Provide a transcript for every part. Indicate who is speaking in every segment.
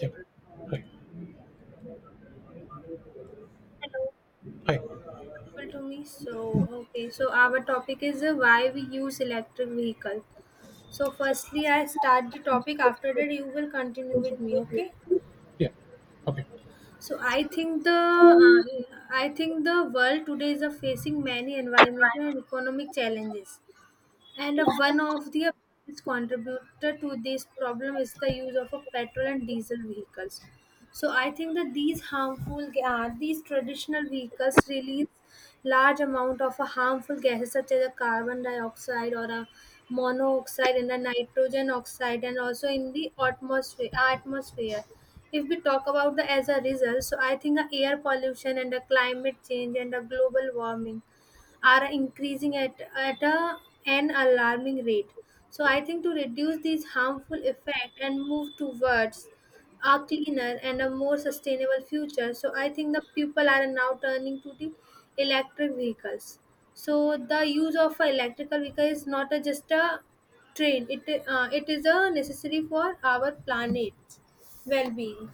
Speaker 1: Yeah. Hi.
Speaker 2: Hello,
Speaker 1: Hi.
Speaker 2: people to me. So our topic is why we use electric vehicle. So firstly, I start the topic. After that, you will continue with me. Okay.
Speaker 1: Yeah. Okay.
Speaker 2: So I think the world today is facing many environmental and economic challenges. And One of the biggest contributor to this problem is the use of a petrol and diesel vehicles. So I think that these traditional vehicles release large amount of a harmful gases such as a carbon dioxide or a monoxide and a nitrogen oxide and also in the atmosphere. If we talk about the as a result, so I think the air pollution and the climate change and the global warming are increasing at an alarming rate. So I think to reduce these harmful effects and move towards a cleaner and a more sustainable future. So I think the people are now turning to the electric vehicles. So the use of a electrical vehicle is not a, just a train. It it is a necessary for our planet well-being.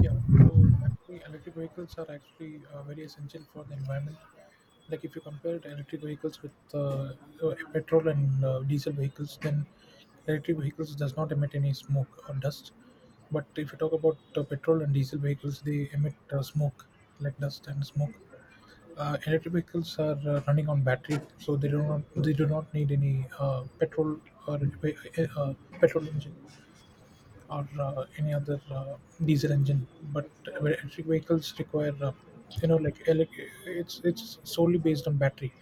Speaker 1: Yeah. So actually, electric vehicles are actually very essential for the environment. Like if you compare the electric vehicles with petrol and diesel vehicles, then electric vehicles does not emit any smoke or dust. But if you talk about petrol and diesel vehicles, they emit smoke, like dust and smoke. Electric vehicles are running on battery, so they do not need any petrol or petrol engine. Or any other diesel engine. But electric vehicles require it's solely based on battery.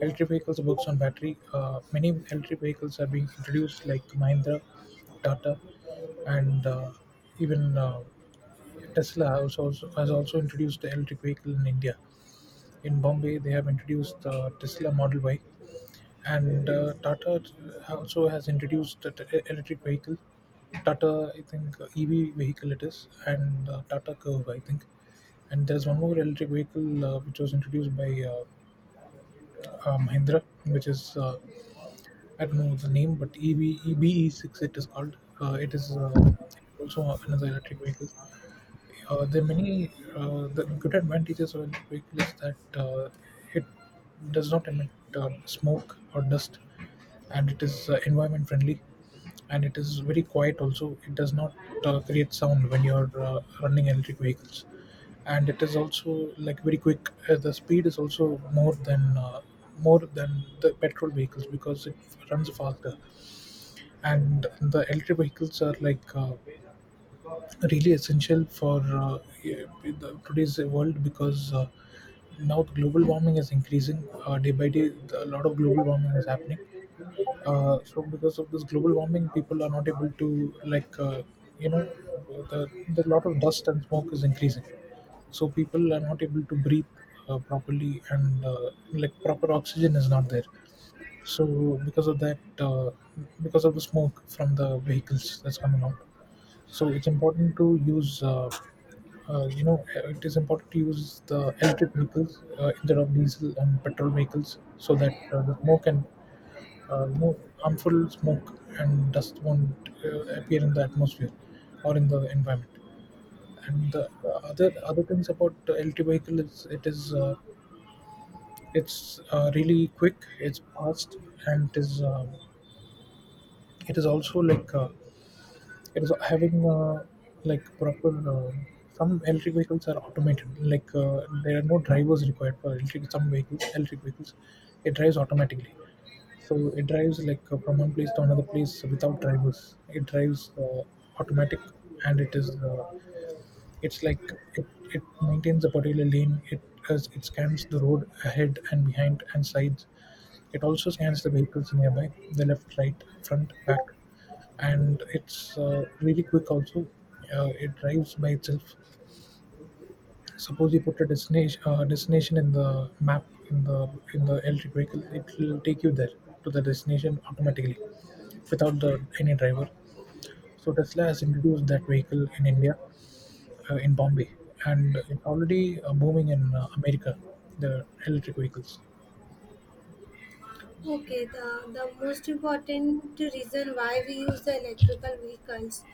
Speaker 1: Electric vehicles works on battery. Many electric vehicles are being introduced, like Mahindra, Tata, and even Tesla also has also introduced the electric vehicle in India. In Bombay, they have introduced the Tesla Model Y. And Tata also has introduced the electric vehicle. Tata, I think, EV vehicle it is, and Tata Curve, I think. And there's one more electric vehicle which was introduced by Mahindra, which is, I don't know the name, but EV EBE6 it is called. It is also another electric vehicle. The good advantages of electric vehicle is that it does not emit smoke or dust, and it is environment friendly, and it is very quiet. Also, it does not create sound when you're running electric vehicles, and it is also like very quick. The speed is also more than the petrol vehicles because it runs faster, and the electric vehicles are like. Really essential for yeah, today's world, because now global warming is increasing day by day. A lot of global warming is happening. So because of this global warming, people are not able to, like, you know the the lot of dust and smoke is increasing. So people are not able to breathe properly, and like proper oxygen is not there. So because of that, because of the smoke from the vehicles that's coming out, so it's important to use you know it is important to use the electric vehicles instead of diesel and petrol vehicles, so that the smoke and harmful smoke and dust won't appear in the atmosphere or in the environment. And the other things about the electric vehicle is it is it's really quick, it's fast, and it is also like, it is having, like, proper. Some electric vehicles are automated, like there are no drivers required for electric, some vehicles, electric vehicles, it drives automatically. So it drives, like, from one place to another place without drivers, it drives automatic. And it's like it maintains a particular lane. It, as it scans the road ahead and behind and sides. It also scans the vehicles nearby, the left, right, front, back, and it's really quick. Also, it drives by itself. Suppose you put a destination, in the map, in the electric vehicle, it will take you there to the destination automatically without the any driver. So Tesla has introduced that vehicle in India, in Bombay, and it's already booming in America. The electric vehicles.
Speaker 2: Okay, the most important reason why we use the electrical vehicles,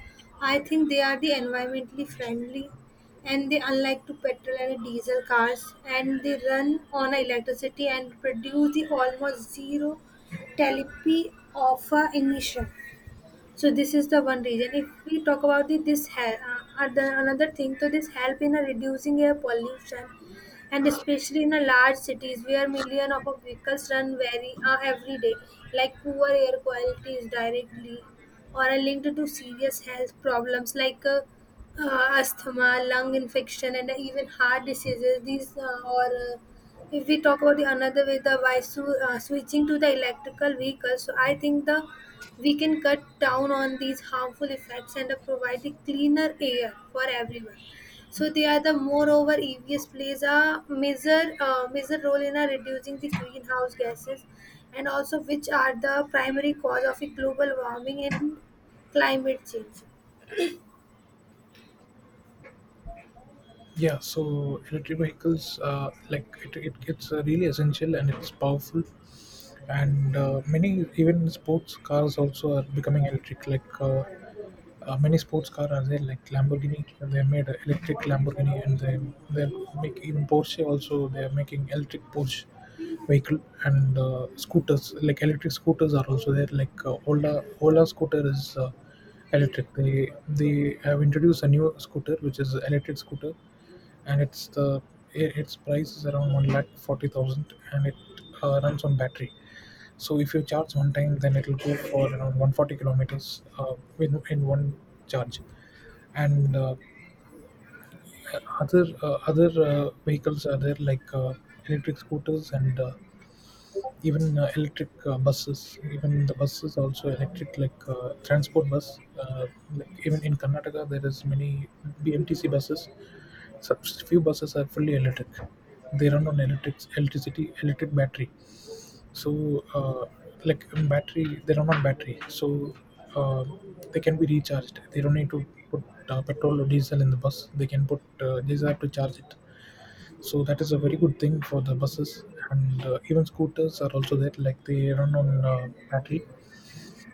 Speaker 2: I think they are the environmentally friendly and they unlike to petrol and diesel cars, and they run on electricity and produce the almost zero telepy of a emission. So this is the one reason. If we talk about the, this hel- other, another thing, so this help in reducing air pollution, and especially in a large cities where million of our vehicles run very every day. Like poor air quality is directly or are linked to serious health problems like asthma, lung infection, and even heart diseases. These or uh, if we talk about the another way, switching to the electrical vehicles, so I think the we can cut down on these harmful effects and provide the cleaner air for everyone. So they are the moreover EVs plays a major role in reducing the greenhouse gases, and also which are the primary cause of the global warming and climate change.
Speaker 1: Yeah, so electric vehicles, like it's really essential and it's powerful. And many, even sports cars also, are becoming electric, like many sports cars are there, like Lamborghini. They made a electric Lamborghini, and they make, even Porsche also, they are making electric Porsche vehicle. And scooters, like electric scooters, are also there, like Ola scooter is electric. They have introduced a new scooter which is electric scooter. And it's its price is around 1,40,000, and it runs on battery. So if you charge one time, then it will go for around 140 kilometers in one charge. And other vehicles are there, like electric scooters, and even electric buses. Even the buses also electric, like transport bus. Like, even in Karnataka, there is many BMTC buses. Such few buses are fully electric. They run on electricity, electric battery, so like battery they run on battery. So uh, they can be recharged, they don't need to put petrol or diesel in the bus, they can put they just have to charge it. So that is a very good thing for the buses. And even scooters are also there, like they run on battery.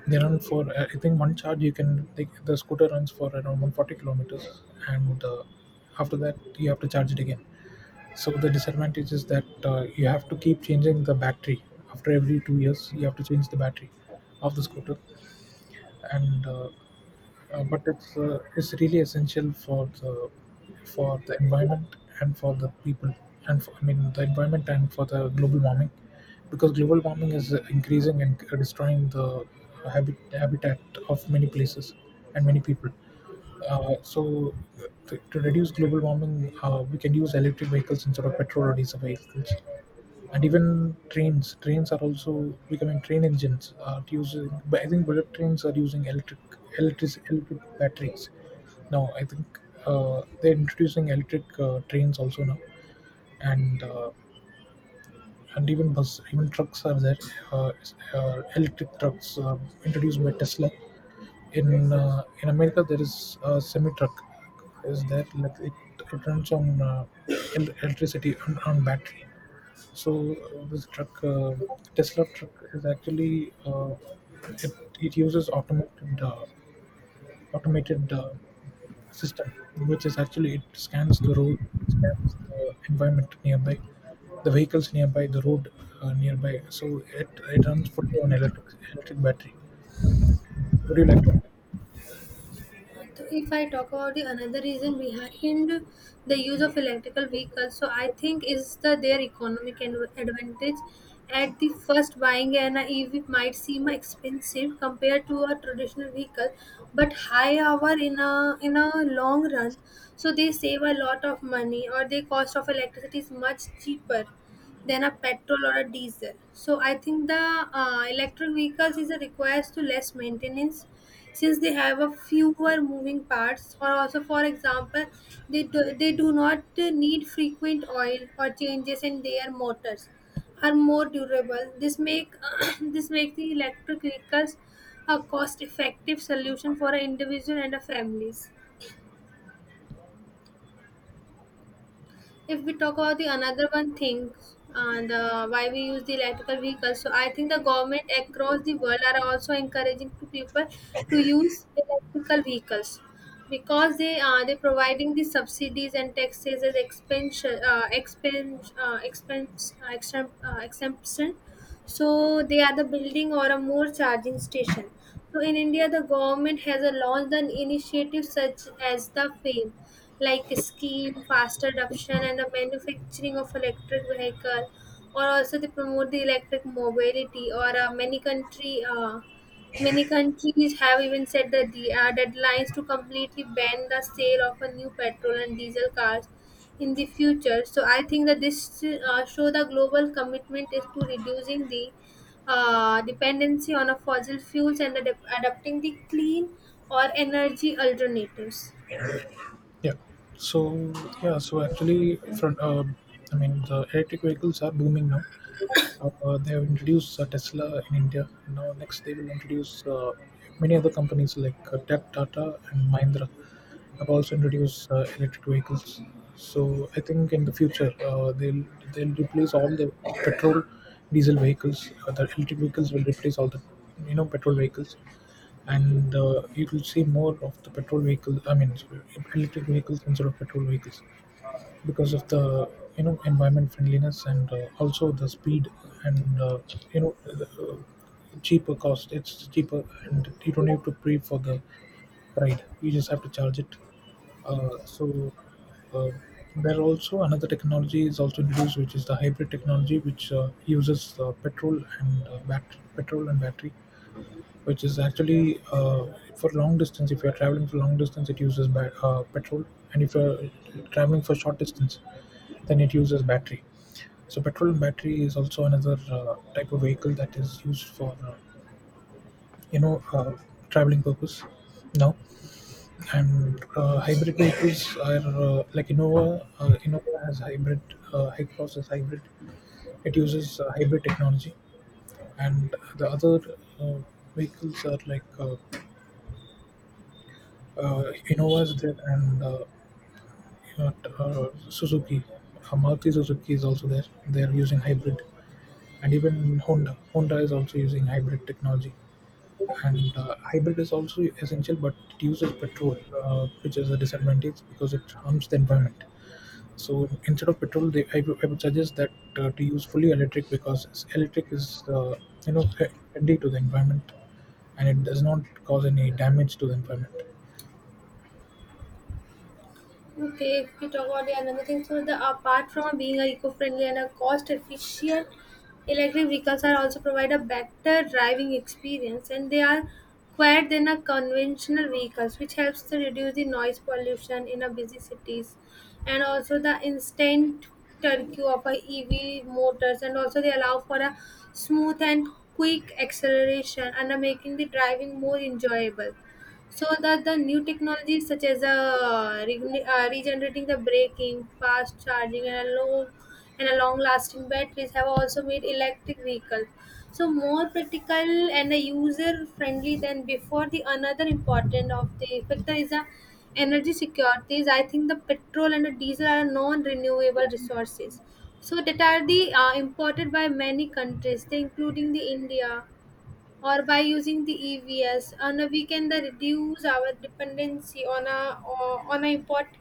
Speaker 1: They run for I think one charge you can, the scooter runs for around 140 kilometers. And after that you have to charge it again. So the disadvantage is that you have to keep changing the battery after every 2 years. You have to change the battery of the scooter. And uh, uh, but it's really essential for the environment, and for the people, and for, I mean, the environment, and for the global warming, because global warming is increasing and destroying the habitat of many places and many people. So to reduce global warming, we can use electric vehicles instead of petrol or diesel vehicles. And even trains are also becoming, train engines are using, but I think bullet trains are using electric electric batteries now, I think. They're introducing electric trains also now. And uh, and even bus, even trucks are there, uh, electric trucks introduced by Tesla in America. There is a semi truck is there, like it runs on electricity, on battery. So this truck, Tesla truck, is actually it uses automated automated uh, system, which is actually it scans the road, scans the environment nearby, the vehicles nearby, the road nearby. So it runs fully on electric battery. Would you like to add?
Speaker 2: So if I talk about the another reason behind the use of electrical vehicles, so I think is the their economic advantage. At the first, buying an EV might seem expensive compared to a traditional vehicle, but high hour in a long run, so they save a lot of money, or the cost of electricity is much cheaper than a petrol or a diesel. So I think the electric vehicles is a requires to less maintenance since they have a fewer moving parts, or also for example, they do not need frequent oil or changes in their motors are more durable. This make this make the electric vehicles a cost effective solution for an individual and a families. If we talk about the another one thing, and why we use the electrical vehicles, so I think the government across the world are also encouraging to people to use electrical vehicles, because they are they providing the subsidies and taxes as expense exemption. So they are the building or a more charging station. So in India, the government has a launched an initiative such as the FAME, like a scheme, fast adoption and the manufacturing of electric vehicle, or also they promote the electric mobility, or many countries have even set the deadlines to completely ban the sale of a new petrol and diesel cars in the future. So I think that this show the global commitment is to reducing the dependency on a fossil fuels and adapting the clean or energy alternatives.
Speaker 1: Yeah. So yeah. So actually, front. I mean, the electric vehicles are booming now. They have introduced Tesla in India. Now next, they will introduce many other companies, like Tech Tata and Mahindra, have also introduced electric vehicles. So I think in the future, they'll replace all the petrol, diesel vehicles. The electric vehicles will replace all the petrol vehicles. And you will see more of the petrol vehicles, I mean, sorry, electric vehicles instead of petrol vehicles, because of the environment friendliness, and also the speed, and the, cheaper cost. It's cheaper and you don't have to pay for the ride, you just have to charge it. uh, so uh, there also another technology is also introduced, which is the hybrid technology, which uses petrol and petrol and battery, which is actually for long distance. If you're traveling for long distance, it uses petrol, and if you're traveling for short distance, then it uses battery. So petrol and battery is also another type of vehicle that is used for you know uh, traveling purpose now. And hybrid vehicles are like Innova. Innova has hybrid. Hycross is hybrid. It uses hybrid technology, and the other uh, vehicles are like. Innova's there, and uh, Suzuki, Maruti Suzuki is also there. They are using hybrid, and even Honda. Honda is also using hybrid technology. And hybrid is also essential, but it uses petrol, which is a disadvantage because it harms the environment. So instead of petrol, they, I would suggest that to use fully electric, because electric is friendly to the environment, and it does not cause any damage to the environment.
Speaker 2: Okay, if we talk about the another thing, so the apart from being a eco-friendly and a cost-efficient, electric vehicles are also provide a better driving experience, and they are quieter than a conventional vehicles, which helps to reduce the noise pollution in a busy cities, and also the instant turkey of a EV motors, and also they allow for a smooth and quick acceleration, and are making the driving more enjoyable. So that the new technologies such as regenerating the braking, fast charging, and a low and a long lasting batteries have also made electric vehicles so more practical and user friendly than before. The another important of the factor is the energy securities. I think the petrol and the diesel are non-renewable resources, so that are the imported by many countries, they including the India, or by using the EVs, and we can that reduce our dependency on on a import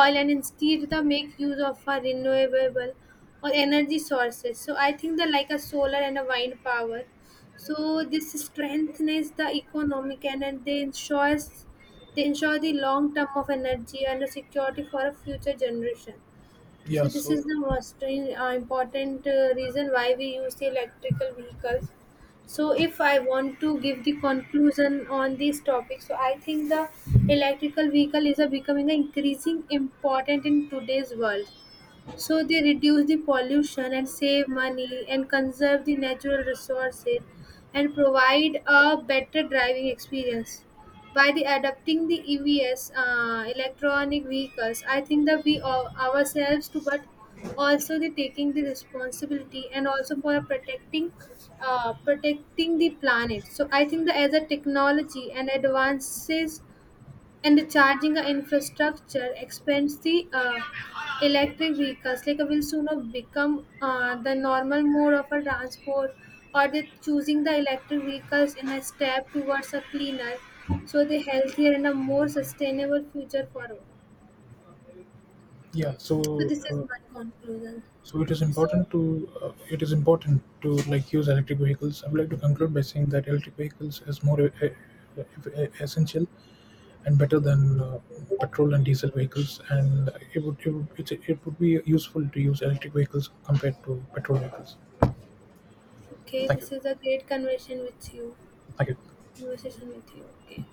Speaker 2: oil, and instead the make use of a renewable or energy sources. So I think the like a solar and a wind power. So this strengthens the economic, and they ensure the long term of energy and the security for a future generation. So
Speaker 1: Yeah.
Speaker 2: this is the most important reason why we use the electrical vehicles. So if I want to give the conclusion on this topic, so I think the electrical vehicle is a becoming an increasing important in today's world, so they reduce the pollution and save money and conserve the natural resources and provide a better driving experience. By the adopting the EVs, electronic vehicles, I think that we all, ourselves too, but also the taking the responsibility and also for protecting, protecting the planet. So I think that as a technology and advances and the charging infrastructure expands, the electric vehicles like will sooner become the normal mode of a transport, or they choosing the electric vehicles in a step towards a cleaner, so the healthier and a more sustainable future for all.
Speaker 1: Yeah
Speaker 2: So
Speaker 1: so
Speaker 2: this is
Speaker 1: uh,
Speaker 2: my conclusion.
Speaker 1: So it is
Speaker 2: So
Speaker 1: important to, it is important to, like, use electric vehicles. I would like to conclude by saying that electric vehicles is more essential and better than petrol and diesel vehicles, and it would be useful to use electric vehicles compared to petrol vehicles.
Speaker 2: okay,
Speaker 1: Thank you.
Speaker 2: this is a great conversation with you.
Speaker 1: Thank you.
Speaker 2: Conversation with you. Okay.